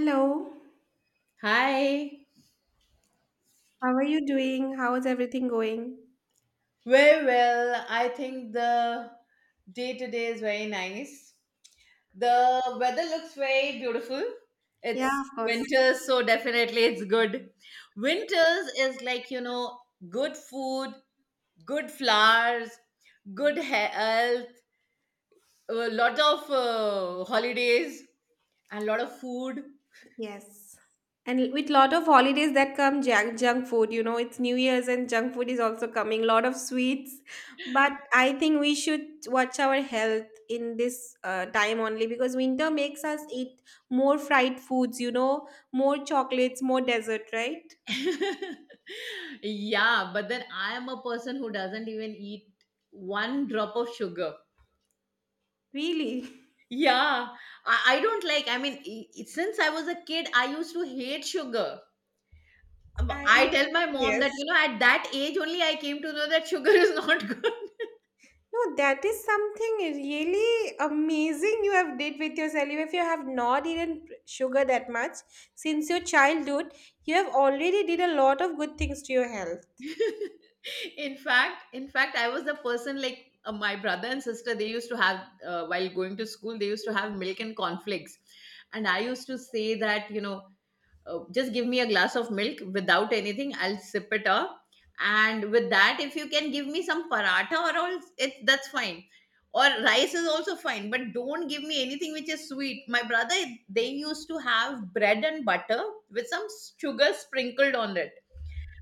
Hello, Hi. how are you doing? How is everything going? Very well. I think the day today is very nice. The weather looks very beautiful. Yeah, It's of course. winter, so definitely it's good. Winters is like, you know, good food, good flowers, good health, a lot of holidays, and a lot of food. Yes. And with lot of holidays that come junk food, you know, it's New Year's and junk food is also coming, lot of sweets. But I think we should watch our health in this time only because winter makes us eat more fried foods, you know, more chocolates, more dessert, right? Yeah, but then I am a person who doesn't even eat one drop of sugar. Really? Yeah, I don't like. I mean, since I was a kid, I used to hate sugar. I I tell my mom that, yes. you know, at that age only I came to know that sugar is not good. No, that is something really amazing you have did with yourself. If you have not eaten sugar that much since your childhood, you have already did a lot of good things to your health. In fact, I was the person like my brother and sister, they used to have, while going to school, they used to have milk and cornflakes. And I used to say that, you know, just give me a glass of milk without anything, I'll sip it up, and with that, if you can give me some paratha or all, it's that's fine. Or rice is also fine, but don't give me anything which is sweet. My brother, they used to have bread and butter with some sugar sprinkled on it,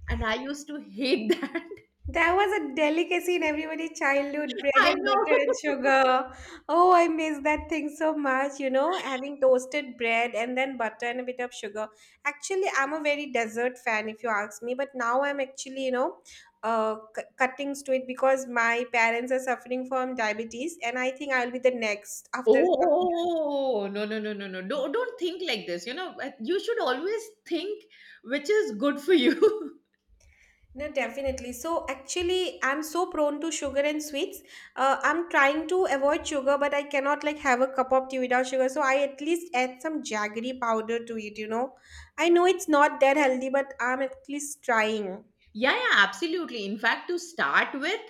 and I used to hate that. That was a delicacy in everybody's childhood, bread I and know. butter and sugar. Oh, I miss that thing so much, you know, having toasted bread and then butter and a bit of sugar. Actually, I'm a very dessert fan, if you ask me, but now I'm actually, you know, cutting to it because my parents are suffering from diabetes, and I think I'll be the next after some years. Oh, no, no, no, no, no! Don't think like this. You know, you should always think which is good for you. No, definitely. So actually, I'm so prone to sugar and sweets. I'm trying to avoid sugar, but I cannot like have a cup of tea without sugar. So I at least add some jaggery powder to it, you know. I know it's not that healthy, but I'm at least trying. Yeah, yeah, absolutely. In fact, to start with,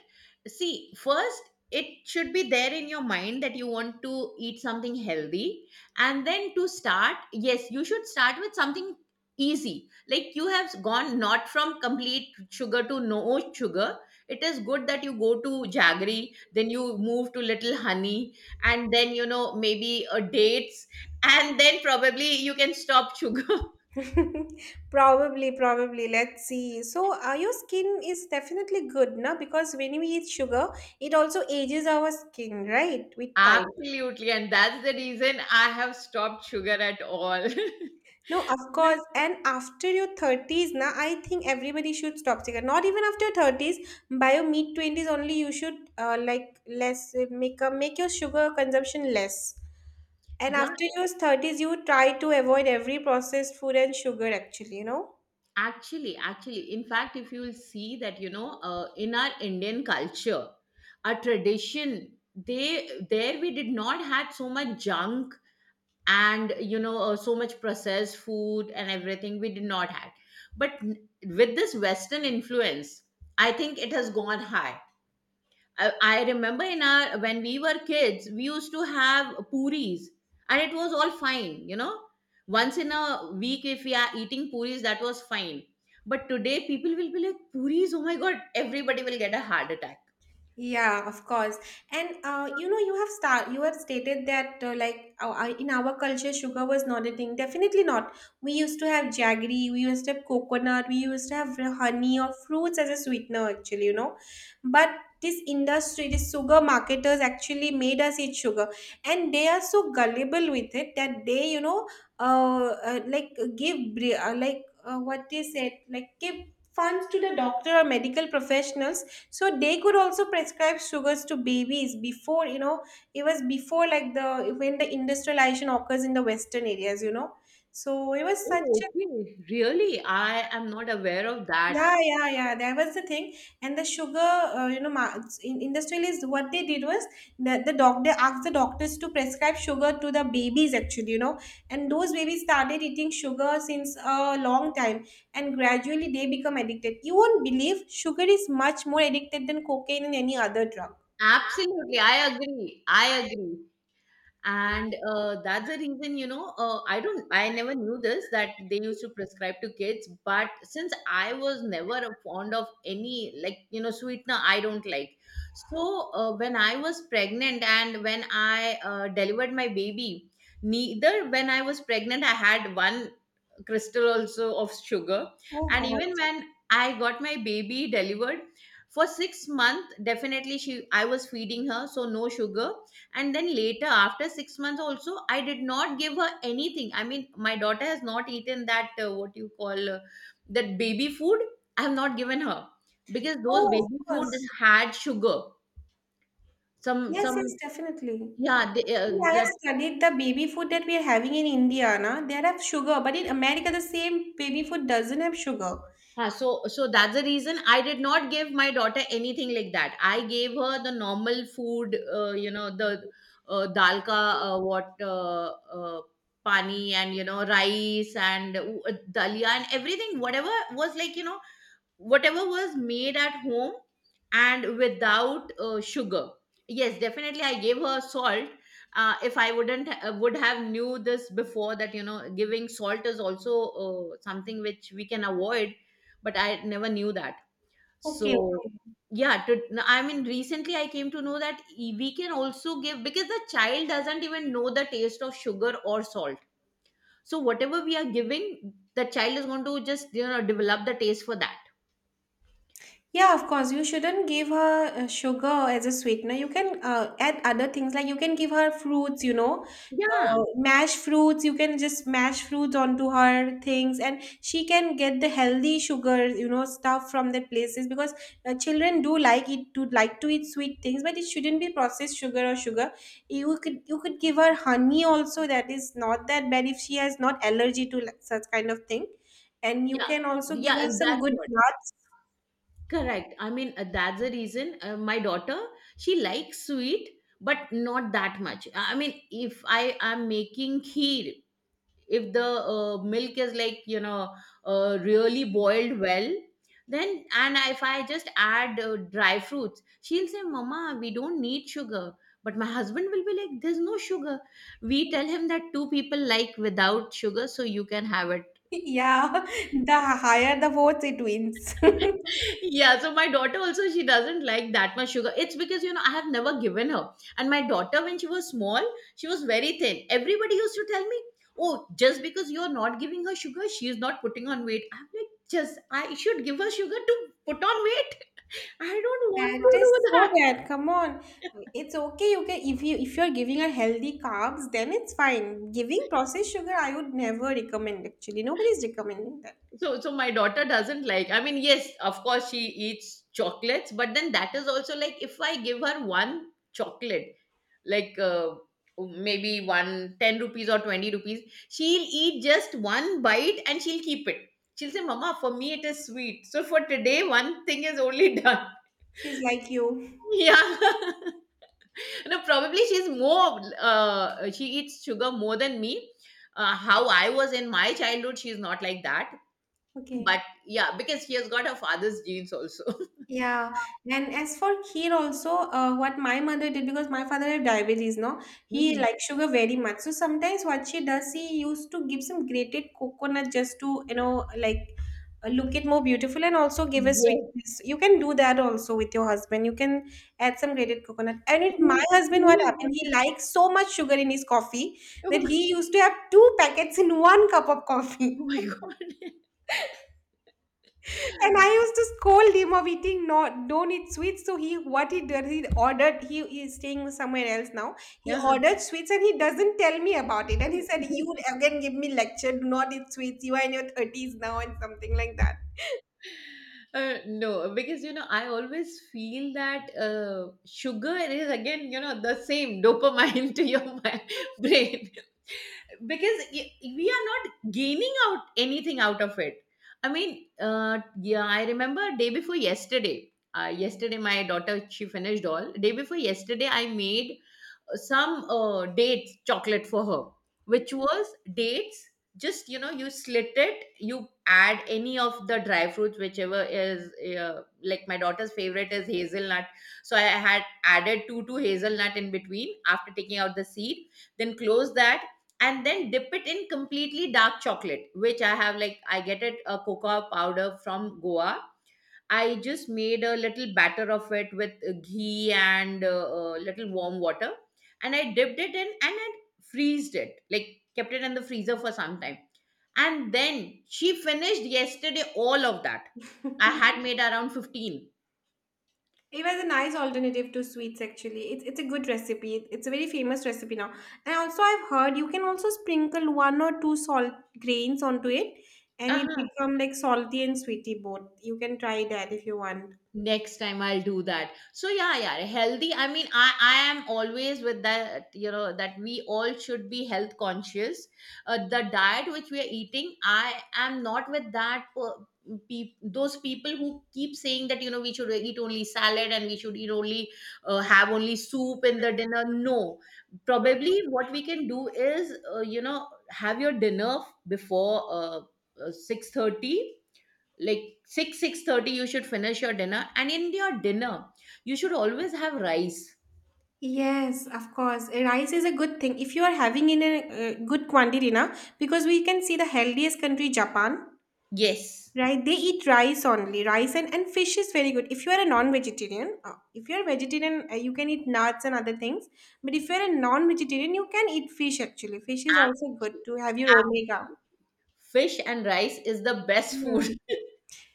see, first, it should be there in your mind that you want to eat something healthy. And then to start, yes, you should start with something easy. Like, you have gone not from complete sugar to no sugar. It is good that you go to jaggery, then you move to little honey, and then, you know, maybe a dates, and then probably you can stop sugar. Probably, probably. Let's see. So your skin is definitely good, na? Because when we eat sugar, it also ages our skin, right? With time. Absolutely, and that's the reason I have stopped sugar at all. No, of course. And after your 30s, na, I think everybody should stop cigarette. Not even after your 30s, by your mid 20s only you should like less make your sugar consumption less. And Yeah, after your 30s, you try to avoid every processed food and sugar actually, you know. actually, in fact, if you will see that, you know, in our Indian culture, our tradition, they there we did not had so much junk, and you know, so much processed food and everything we did not had. But with this Western influence, I think it has gone high. I remember in our when we were kids, we used to have puris, and it was all fine, you know. Once in a week, if we are eating puris, that was fine. But today, people will be like, puris, oh my god, everybody will get a heart attack. Yeah, of course. And you know, you have stated that in our culture, sugar was not a thing. Definitely not. We used to have jaggery, we used to have coconut, we used to have honey or fruits as a sweetener. Actually, you know, but this industry, this sugar marketers actually made us eat sugar, and they are so gullible with it that they, you know, like like what they said, like give funds to the doctor or medical professionals so they could also prescribe sugars to babies before you know. It was before like the when the industrialization occurs in the western areas, you know, so it was such Oh, a. okay. Really? I am not aware of that. Yeah, yeah, yeah, that was the thing. And the sugar you know, in industrialists what they did was that the doctors to prescribe sugar to the babies actually, you know. And those babies started eating sugar since a long time, and gradually they become addicted. You won't believe sugar is much more addicted than cocaine and any other drug. Absolutely. I agree. I agree. And that's the reason, you know, I never knew this that they used to prescribe to kids, but since I was never fond of any, like, you know, sweetener, I don't like. So when I was pregnant and when I delivered my baby, neither when I was pregnant I had one crystal also of sugar. Oh And God. even when I got my baby delivered, for 6 months definitely she, I was feeding her, so no sugar. And then later after 6 months also, I did not give her anything. I mean, my daughter has not eaten that, what you call, that baby food, I have not given her, because No, those of baby food course. had sugar. some Yes, yes, some definitely. yeah they, Actually, I have that. studied the baby food that we are having in India, na? They have sugar, but in America, the same baby food doesn't have sugar. Huh, so that's the reason I did not give my daughter anything like that. I gave her the normal food, you know, the dal ka, what uh, pani, and you know, rice and dalia and everything. Whatever was like, you know, whatever was made at home, and without sugar. Yes, definitely I gave her salt. If I wouldn't would have knew this before, that you know, giving salt is also something which we can avoid. But I never knew that. So Okay, okay. yeah to, no, I mean recently I came to know that we can also give, because the child doesn't even know the taste of sugar or salt. So whatever we are giving, the child is going to just, you know, develop the taste for that. Yeah, of course. You shouldn't give her sugar as a sweetener. You can add other things like you can give her fruits, you know, Yeah. Mash fruits. You can just mash fruits onto her things, and she can get the healthy sugar, you know, stuff from the places because children do like it to like to eat sweet things, but it shouldn't be processed sugar or sugar. You could give her honey also. That is not that bad if she has not allergy to like, such kind of thing. And you Yeah, can also give yeah, her and some that's good what. nuts. Correct. I mean, that's the reason, my daughter, she likes sweet, but not that much. I mean, if I am making kheer, if the milk is like, you know, really boiled well, then, and if I just add dry fruits, she'll say, Mama, we don't need sugar. But my husband will be like, There's no sugar. We tell him that two people like without sugar, so you can have it. Yeah, the higher the votes, it wins. Yeah, so my daughter also, she doesn't like that much sugar. It's because, you know, I have never given her. And my daughter, when she was small, she was very thin. Everybody used to tell me, oh, just because you're not giving her sugar, she is not putting on weight. I'm like, just, I should give her sugar to put on weight? I don't want That to is do so that. bad. Come on. It's okay. You can if you if you're giving her healthy carbs, then it's fine. Giving processed sugar, I would never recommend actually. Nobody's recommending that. So my daughter doesn't like, I mean, yes, of course, she eats chocolates, but then that is also like, if I give her one chocolate, like maybe one 10 rupees or 20 rupees, she'll eat just one bite and she'll keep it. She'll say, Mama, for me it is sweet, so for today one thing is only done. She's like you. Yeah. No, probably she's more, she eats sugar more than me. How I was in my childhood, she's not like that. Okay. But yeah, because he has got her father's genes also. Yeah, and as for kheer also, what my mother did because my father had diabetes, no, he Mhm. likes sugar very much. So sometimes what she does, she used to give some grated coconut just to you know like look it more beautiful and also give a Yes. sweetness. You can do that also with your husband. You can add some grated coconut. And with my Who, husband, who what is happened? going He to? likes so much sugar in his coffee that he used to have two packets in one cup of coffee. Oh my god. And I used to scold him of eating not don't eat sweets. So he what he did, he ordered, he is staying somewhere else now. He Yeah. ordered sweets and he doesn't tell me about it. And he said, you would again give me lecture, do not eat sweets. You are in your thirties now and something like that. No, because you know, I always feel that sugar is again, you know, the same dopamine to your brain, because we are not gaining out anything out of it. I mean, yeah, I remember day before yesterday. Yesterday, my daughter, she finished all. Day before yesterday, I made some dates chocolate for her, which was dates, just you know, you slit it, you add any of the dry fruits, whichever is, like my daughter's favorite is hazelnut. So I had added two hazelnut in between after taking out the seed. Then close that, and then dip it in completely dark chocolate, which I have, like I get it a cocoa powder from Goa. I just made a little batter of it with ghee and a little warm water, and I dipped it in and I freezed it, like kept it in the freezer for some time. And then she finished yesterday all of that. I had made around 15. It was a nice alternative to sweets actually. It's a good recipe. It's a very famous recipe now. And also I've heard you can also sprinkle one or two salt grains onto it and it Uh-huh. become like salty and sweety both. You can try that if you want. Next time I'll do that. So yeah, yeah, healthy, I mean, I am always with that, you know, that we all should be health conscious. The diet which we are eating, I am not with that, per- peop those people who keep saying that you know, we should eat only salad, and we should eat only, have only soup in the dinner. No, probably what we can do is, you know, have your dinner before 6:30, like 6 6:30 you should finish your dinner, and in your dinner you should always have rice. Yes, of course. Rice is a good thing if you are having in a good quantity, na, because we can see the healthiest country, Japan, Yes. right? They eat rice only. Rice and fish is very good. If you are a non-vegetarian, if you are vegetarian, you can eat nuts and other things. But if you are a non-vegetarian, you can eat fish actually. Fish is also good Actually, to have your omega. fish and rice is the best food. Hmm.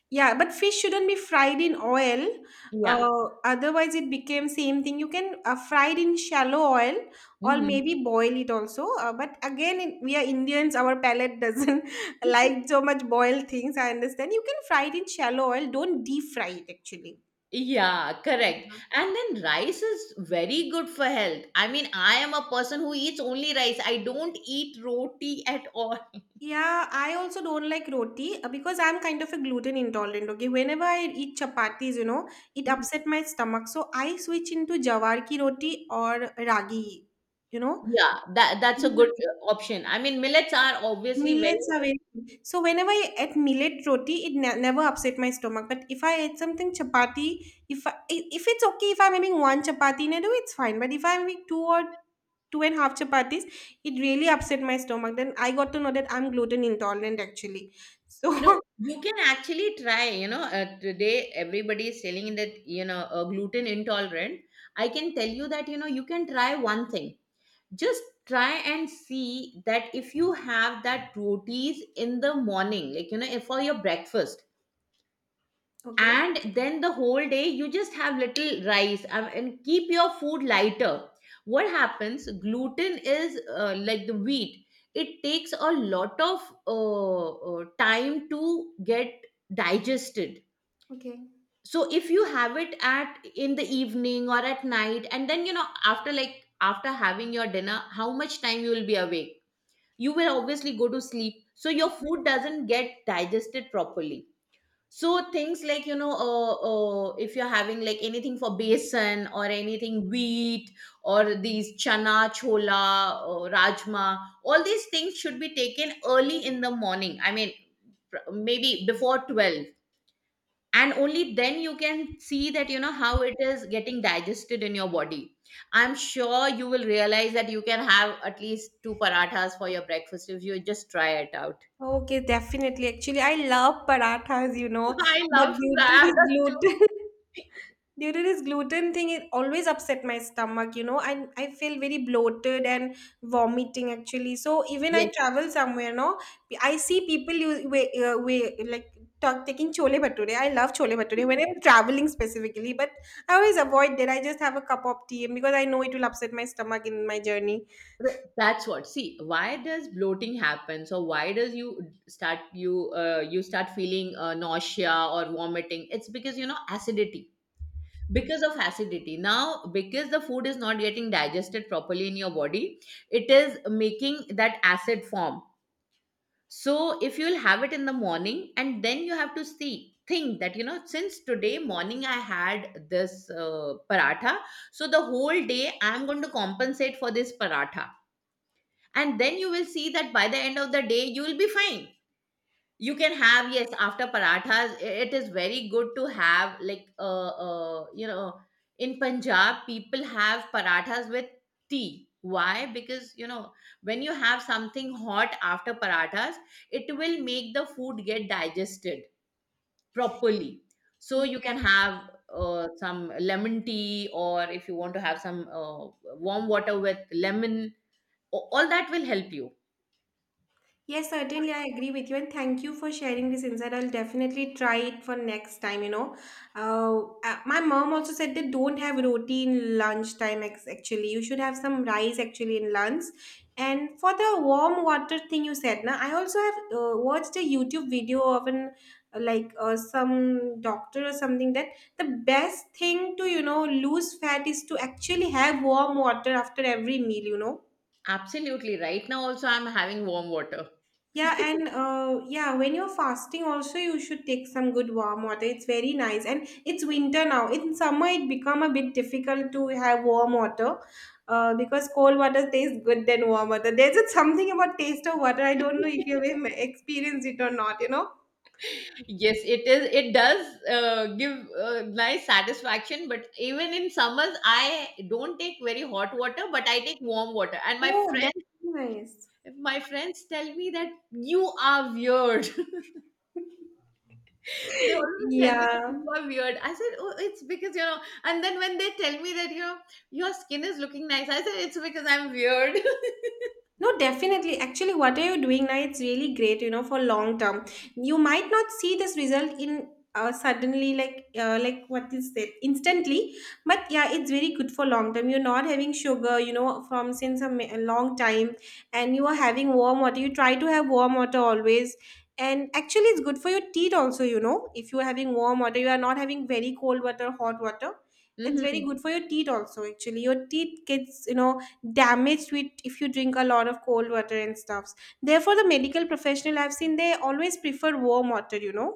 Yeah, but fish shouldn't be fried in oil. Yeah. Otherwise, it became same thing. You can fried in shallow oil or Mhm. maybe boil it also. But again, in, we are Indians. Our palate doesn't like so much boiled things. I understand. You can fry it in shallow oil. Don't deep fry it actually. Yeah, correct. Mhm. And then rice is very good for health. I mean, I am a person who eats only rice. I don't eat roti at all. Yeah, I also don't like roti because I'm kind of a gluten intolerant. Okay, whenever I eat chapatis, you know, it Mhm. upset my stomach. So I switch into jawar ki roti or ragi. You know, Yeah, that's a good option. I mean, millets are obviously very. millets are very good. So whenever I ate millet roti, it ne never upset my stomach. But if I ate something chapati, if it's okay, if I'm having one chapati in a day, it's fine. But if I'm having two and a half chapatis, it really upset my stomach. Then I got to know that I'm gluten intolerant actually. So No, you can actually try. You know, today everybody is selling that you know, gluten intolerant. I can tell you that you know, you can try one thing. Just try and see that if you have that rotis in the morning, like you know, for your breakfast, okay, and then the whole day you just have little rice, and keep your food lighter. What happens, gluten is, like the wheat, it takes a lot of time to get digested. okay. So if you have it at in the evening or at night, and then you know, after like after having your dinner, how much time you will be awake, you will obviously go to sleep, so your Hmm. food doesn't get digested properly. So things like you know, if you're having like anything for besan, or anything wheat, or these chana chola or rajma, all these things should be taken early in the morning. I mean, maybe before 12, and only then you can see that you know how it is getting digested in your body. I'm sure you will realize that you can have at least two parathas for your breakfast if you just try it out. Okay, definitely. Actually, I love parathas, you know, I but love due to that. this That's too. gluten. Due to this gluten thing, it always upset my stomach, you know, and I feel very bloated and vomiting actually. So even I travel somewhere, no, I see people use way, talk, taking chole bhature. I love chole bhature when I'm traveling specifically, but I always avoid that. I just have a cup of tea because I know it will upset my stomach in my journey. That's what. See, why does bloating happen? So why does you start feeling nausea or vomiting? It's because acidity. Because of acidity. Now, because the food is not getting digested properly in your body, it is making that acid form. So if you'll have it in the morning, and then you have to see think that, you know, since today morning I had this paratha, so the whole day I'm going to compensate for this paratha, and then you will see that by the end of the day you will be fine. You can have, yes, after parathas it is very good to have, like in Punjab, people have parathas with tea. Why? Because, you know, when you have something hot after parathas, it will make the food get digested properly. So you can Yes. have some lemon tea, or if you want to have some warm water with lemon. All that will help you. Yes, certainly, I agree with you, and thank you for sharing this insight. I'll definitely try it for next time. You know, uh, my mom also said that don't have roti in lunchtime. Actually, you should have some rice actually in lunch. And for the warm water thing you said, now I also have watched a YouTube video of an some doctor or something that the best thing to you know lose fat is to actually have warm water after every meal. You know. Absolutely. Right now also I'm having warm water. Yeah, and yeah, when you're fasting, also you should take some good warm water. It's very nice, and it's winter now. In summer, it become a bit difficult to have warm water, because cold water tastes good than warm water. There's just something about taste of water. I don't know if experienced it or not. You know? Yes, it does give nice satisfaction, but even in summers I don't take very hot water, but I take warm water. And my Oh, friend that's nice. my friends tell me that you are weird. They always tell me that Yeah. you are weird. I said, oh, it's because you know. And then when they tell me that, you know, your skin is looking nice, I said it's because I'm weird. No, definitely. Actually, what are you doing now? It's really great, you know, for long term. You might not see this result in suddenly, like what is it, instantly. But yeah, it's very good for long term. You're not having sugar, you know, from since a, ma- a long time, and you are having warm water. You try to have warm water always, and actually, it's good for your teeth also. You know, if you are having warm water, you are not having very cold water, hot water. It's very Hmm. good for your teeth also. Actually, your teeth gets you know damaged with if you drink a lot of cold water and stuffs. Therefore the medical professional I've seen, they always prefer warm water, you know.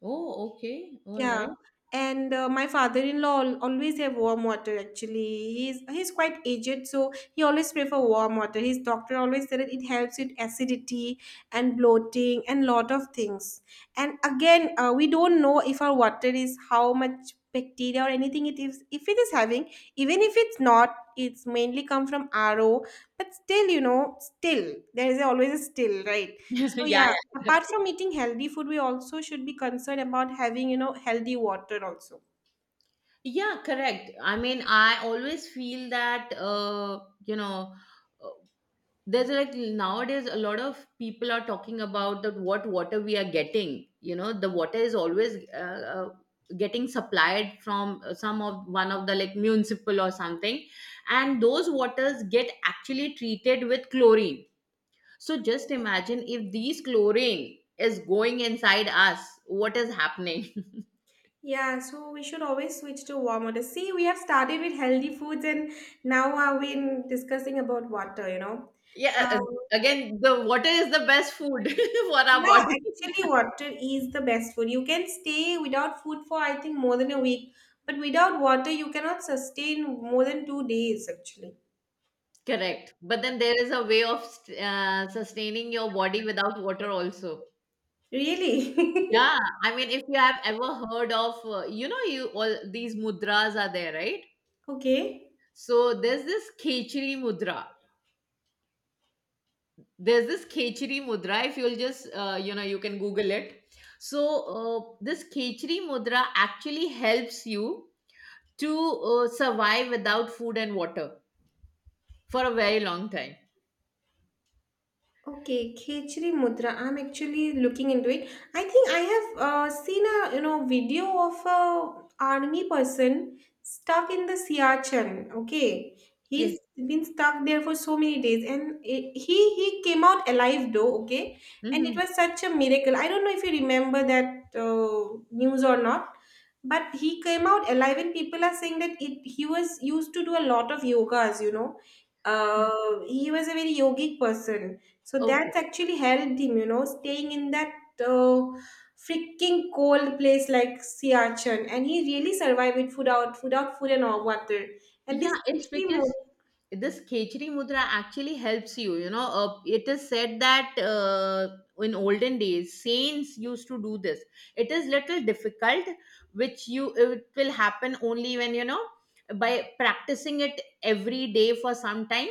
Oh, okay. All Yeah, right. and my father-in-law always have warm water. Actually, he's quite aged, so he always prefer warm water. His doctor always said that it helps with acidity and bloating and lot of things. And again, we don't know if our water is how much bacteria or anything it is. If it is having, even if it's not, it's mainly come from RO. But still, still there is always a still, right? So Yeah, yeah, yeah. apart from eating healthy food, we also should be concerned about having, healthy water also. Yeah, correct. I mean, I always feel that, uh, there's, like, nowadays a lot of people are talking about that what water we are getting. You know, the water is always getting supplied from some of one of the, like, municipal or something, and those waters get actually treated with chlorine. So just imagine if these chlorine is going inside us, what is happening? Yeah, so we should always switch to warm water. See, we have started with healthy foods and now are we in discussing about water. Yeah, Um, again, the water is the best food for our yeah, body. actually water is the best food. You can stay without food for I think more than a week, but without water you cannot sustain more than 2 days actually. Correct. But then there is a way of sustaining your body without water also. Really? Yeah, I mean, if you have ever heard of, you all these mudras are there, right? Okay. So there's this Khechri mudra. There's this Khechri mudra. If you'll just, you can Google it. So this Khechri mudra actually helps you to survive without food and water for a very long time. Okay, Khechri Mudra. I'm actually looking into it. I think I have seen a video of a army person stuck in the Siachen. Okay, Yes. he's been stuck there for so many days, and it, he came out alive though. Okay, and it Mhm. was such a miracle. I don't know if you remember that news or not, but he came out alive, and people are saying that it he was used to do a lot of yogas. You know, Mhm. uh, he was a very yogic person so that's Okay. actually helped him, staying in that uh, freaking cold place like Siachen, and he really survived with food out, food out, food and all water. And this Yeah, it's actually more. because this Khechri mudra actually helps you. You know, it is said that in olden days, saints used to do this. It is little difficult, which you it will happen only when, you know, by practicing it every day for some time.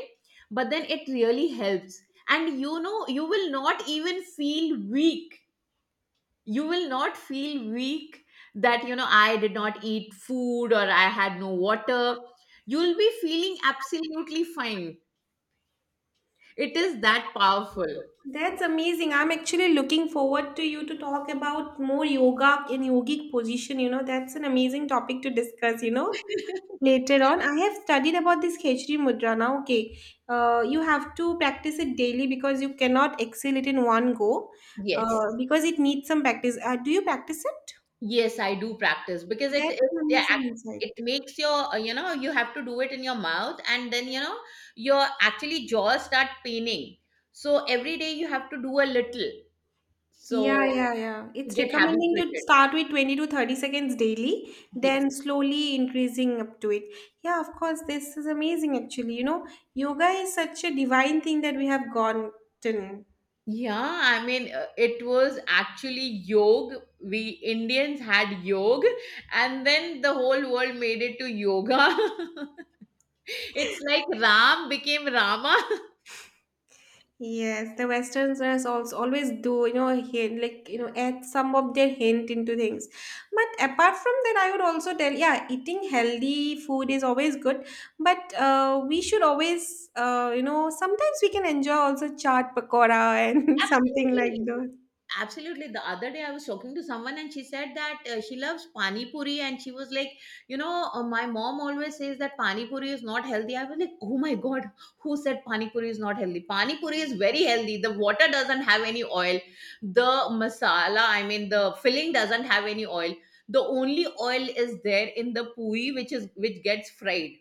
But then it really helps, and you know, you will not feel weak, that, you know, I did not eat food or I had no water. You'll be feeling absolutely fine. It is that powerful. That's amazing. I'm actually looking forward to you to talk about more yoga in yogic position. That's an amazing topic to discuss. Later on, I have studied about this Khechri mudra. Now, okay, you have to practice it daily because you cannot excel it in one go uh, Yes, because it needs some practice. Do you practice it? yes, I do practice, because That's it, an yeah, amazing it insight. makes your, you have to do it in your mouth, and then, you know, your actually jaws start paining. So every day you have to do a little, Yeah, so yeah, yeah. to It's get recommending to habituated. start with 20 to 30 seconds daily, Yes. then slowly increasing up to it. Yeah, of course, this is amazing actually. Yoga is such a divine thing that we have gotten. Yeah, I mean, it was actually yoga. We Indians had yoga, and then the whole world made it to yoga. It's like Ram became Rama. Yes, the Westerners also always do, hint, like, add some of their hint into things. But apart from that, I would also tell, yeah, eating healthy food is always good. But we should always, sometimes we can enjoy also chaat pakora and something like Absolutely. Absolutely. The other day I was talking to someone and she said that she loves pani puri, and she was like, you know, my mom always says that pani puri is not healthy. I was like, oh my god, who said pani puri is not healthy? Pani puri is very healthy. The water doesn't have any oil. The masala, I mean the filling, doesn't have any oil. The only oil is there in the puri, which is which gets fried.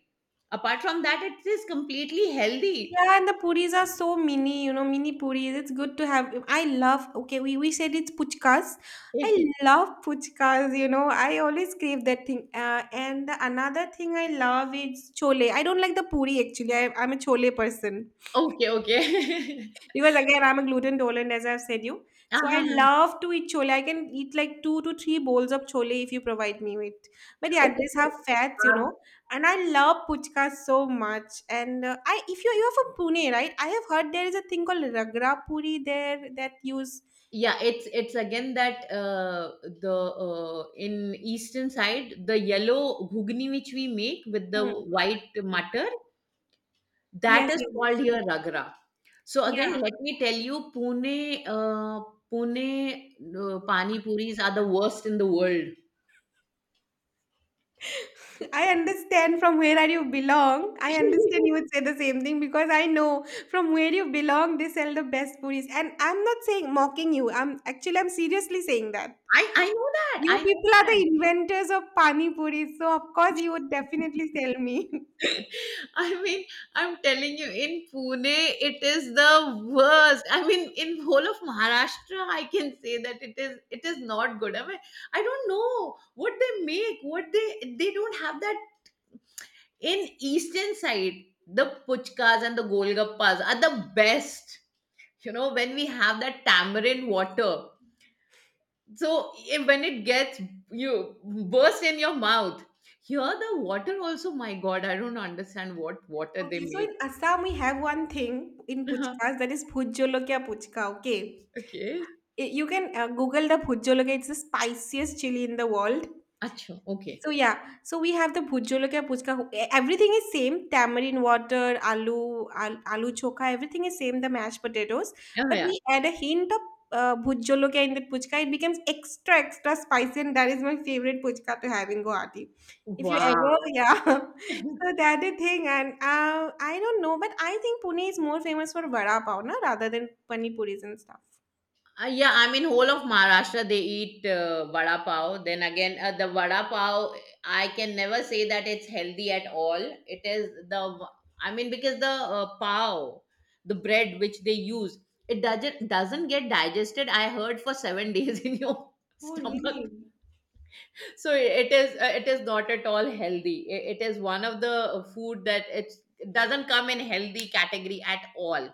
Apart from that, it is completely healthy. Yeah, and the puris are so mini, mini puris. It's good to have. I love, okay, we said it's puchkas. I Okay, love puchkas, I always crave that thing. And the another thing I love is chole. I don't like the puri actually. I'm a chole person. Okay. Because again, I'm a gluten tolerant, as I've said you. Uh So I huh. love to eat chole. I can eat like two to three bowls of chole if you provide me with. But yeah, Okay, these so, have fats, you um, know. And I love puchka so much. And if you're from Pune, right? I have heard there is a thing called ragra puri there that use. yeah, it's again that, the in eastern side, the yellow ghugni which we make with the Hmm. white mutter, that Yes, is yes, called here ragra. So yes. again, let me tell you, Pune pani puris are the Yeah. worst in the world. I understand from where are you belong. I understand you would say the same thing because I know from where you belong they sell the best puris. And I'm not saying mocking you. I'm seriously saying that. I know that, I You people are know. the inventors of pani puris, so of course you would definitely sell me. I mean, I'm telling you, in Pune, it is the worst. I mean, in whole of Maharashtra, I can say that it is not good. I mean, I don't know what they make. What they don't have that in eastern side. The puchkas and the golgappas are the best. You know, when we have that tamarind water. So if, when it gets you burst in your mouth. Here the water also, my God, I don't understand what water they Okay, so make. in Assam we have one thing in Uh-huh. puchkas that is bhujolokya puchka. Okay, Okay. You can Google the bhujolokya. It's the spiciest chili in the world. Acha, okay. So yeah, so we have the bhujolokya puchka. Everything is same. Tamarind water, aloo, aloo chokha. Everything is same. The mashed potatoes, Oh, but yeah. we add a hint of bhujolokya in that puchka. It becomes extra extra spicy, and that is my favorite puchka to have in Guwahati. If you ever, Wow. yeah. So that is thing, and I don't know, but I think Pune is more famous for vada pav, na, rather than pani puris and stuff. Yeah, I mean, whole of Maharashtra they eat vada pav. Then again, the vada pav, I can never say that it's healthy at all. It is the, I mean, because the pav, the bread which they use, it doesn't get digested, I heard, for 7 days in your Oh stomach. really? So it is, it is not at all healthy. It is one of the food that it doesn't come in healthy category at all.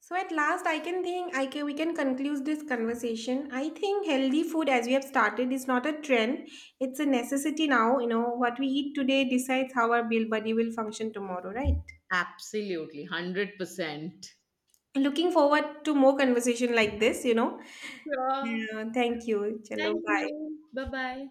So at last, I can think I can we can conclude this conversation. I think healthy food, as we have started, is not a trend; it's a necessity now. You know what we eat today decides how our build body will function tomorrow, right? Absolutely, 100%. Looking forward to more conversation like this. Sure. Yeah, thank you. Chalo, Thank bye. you, bye bye.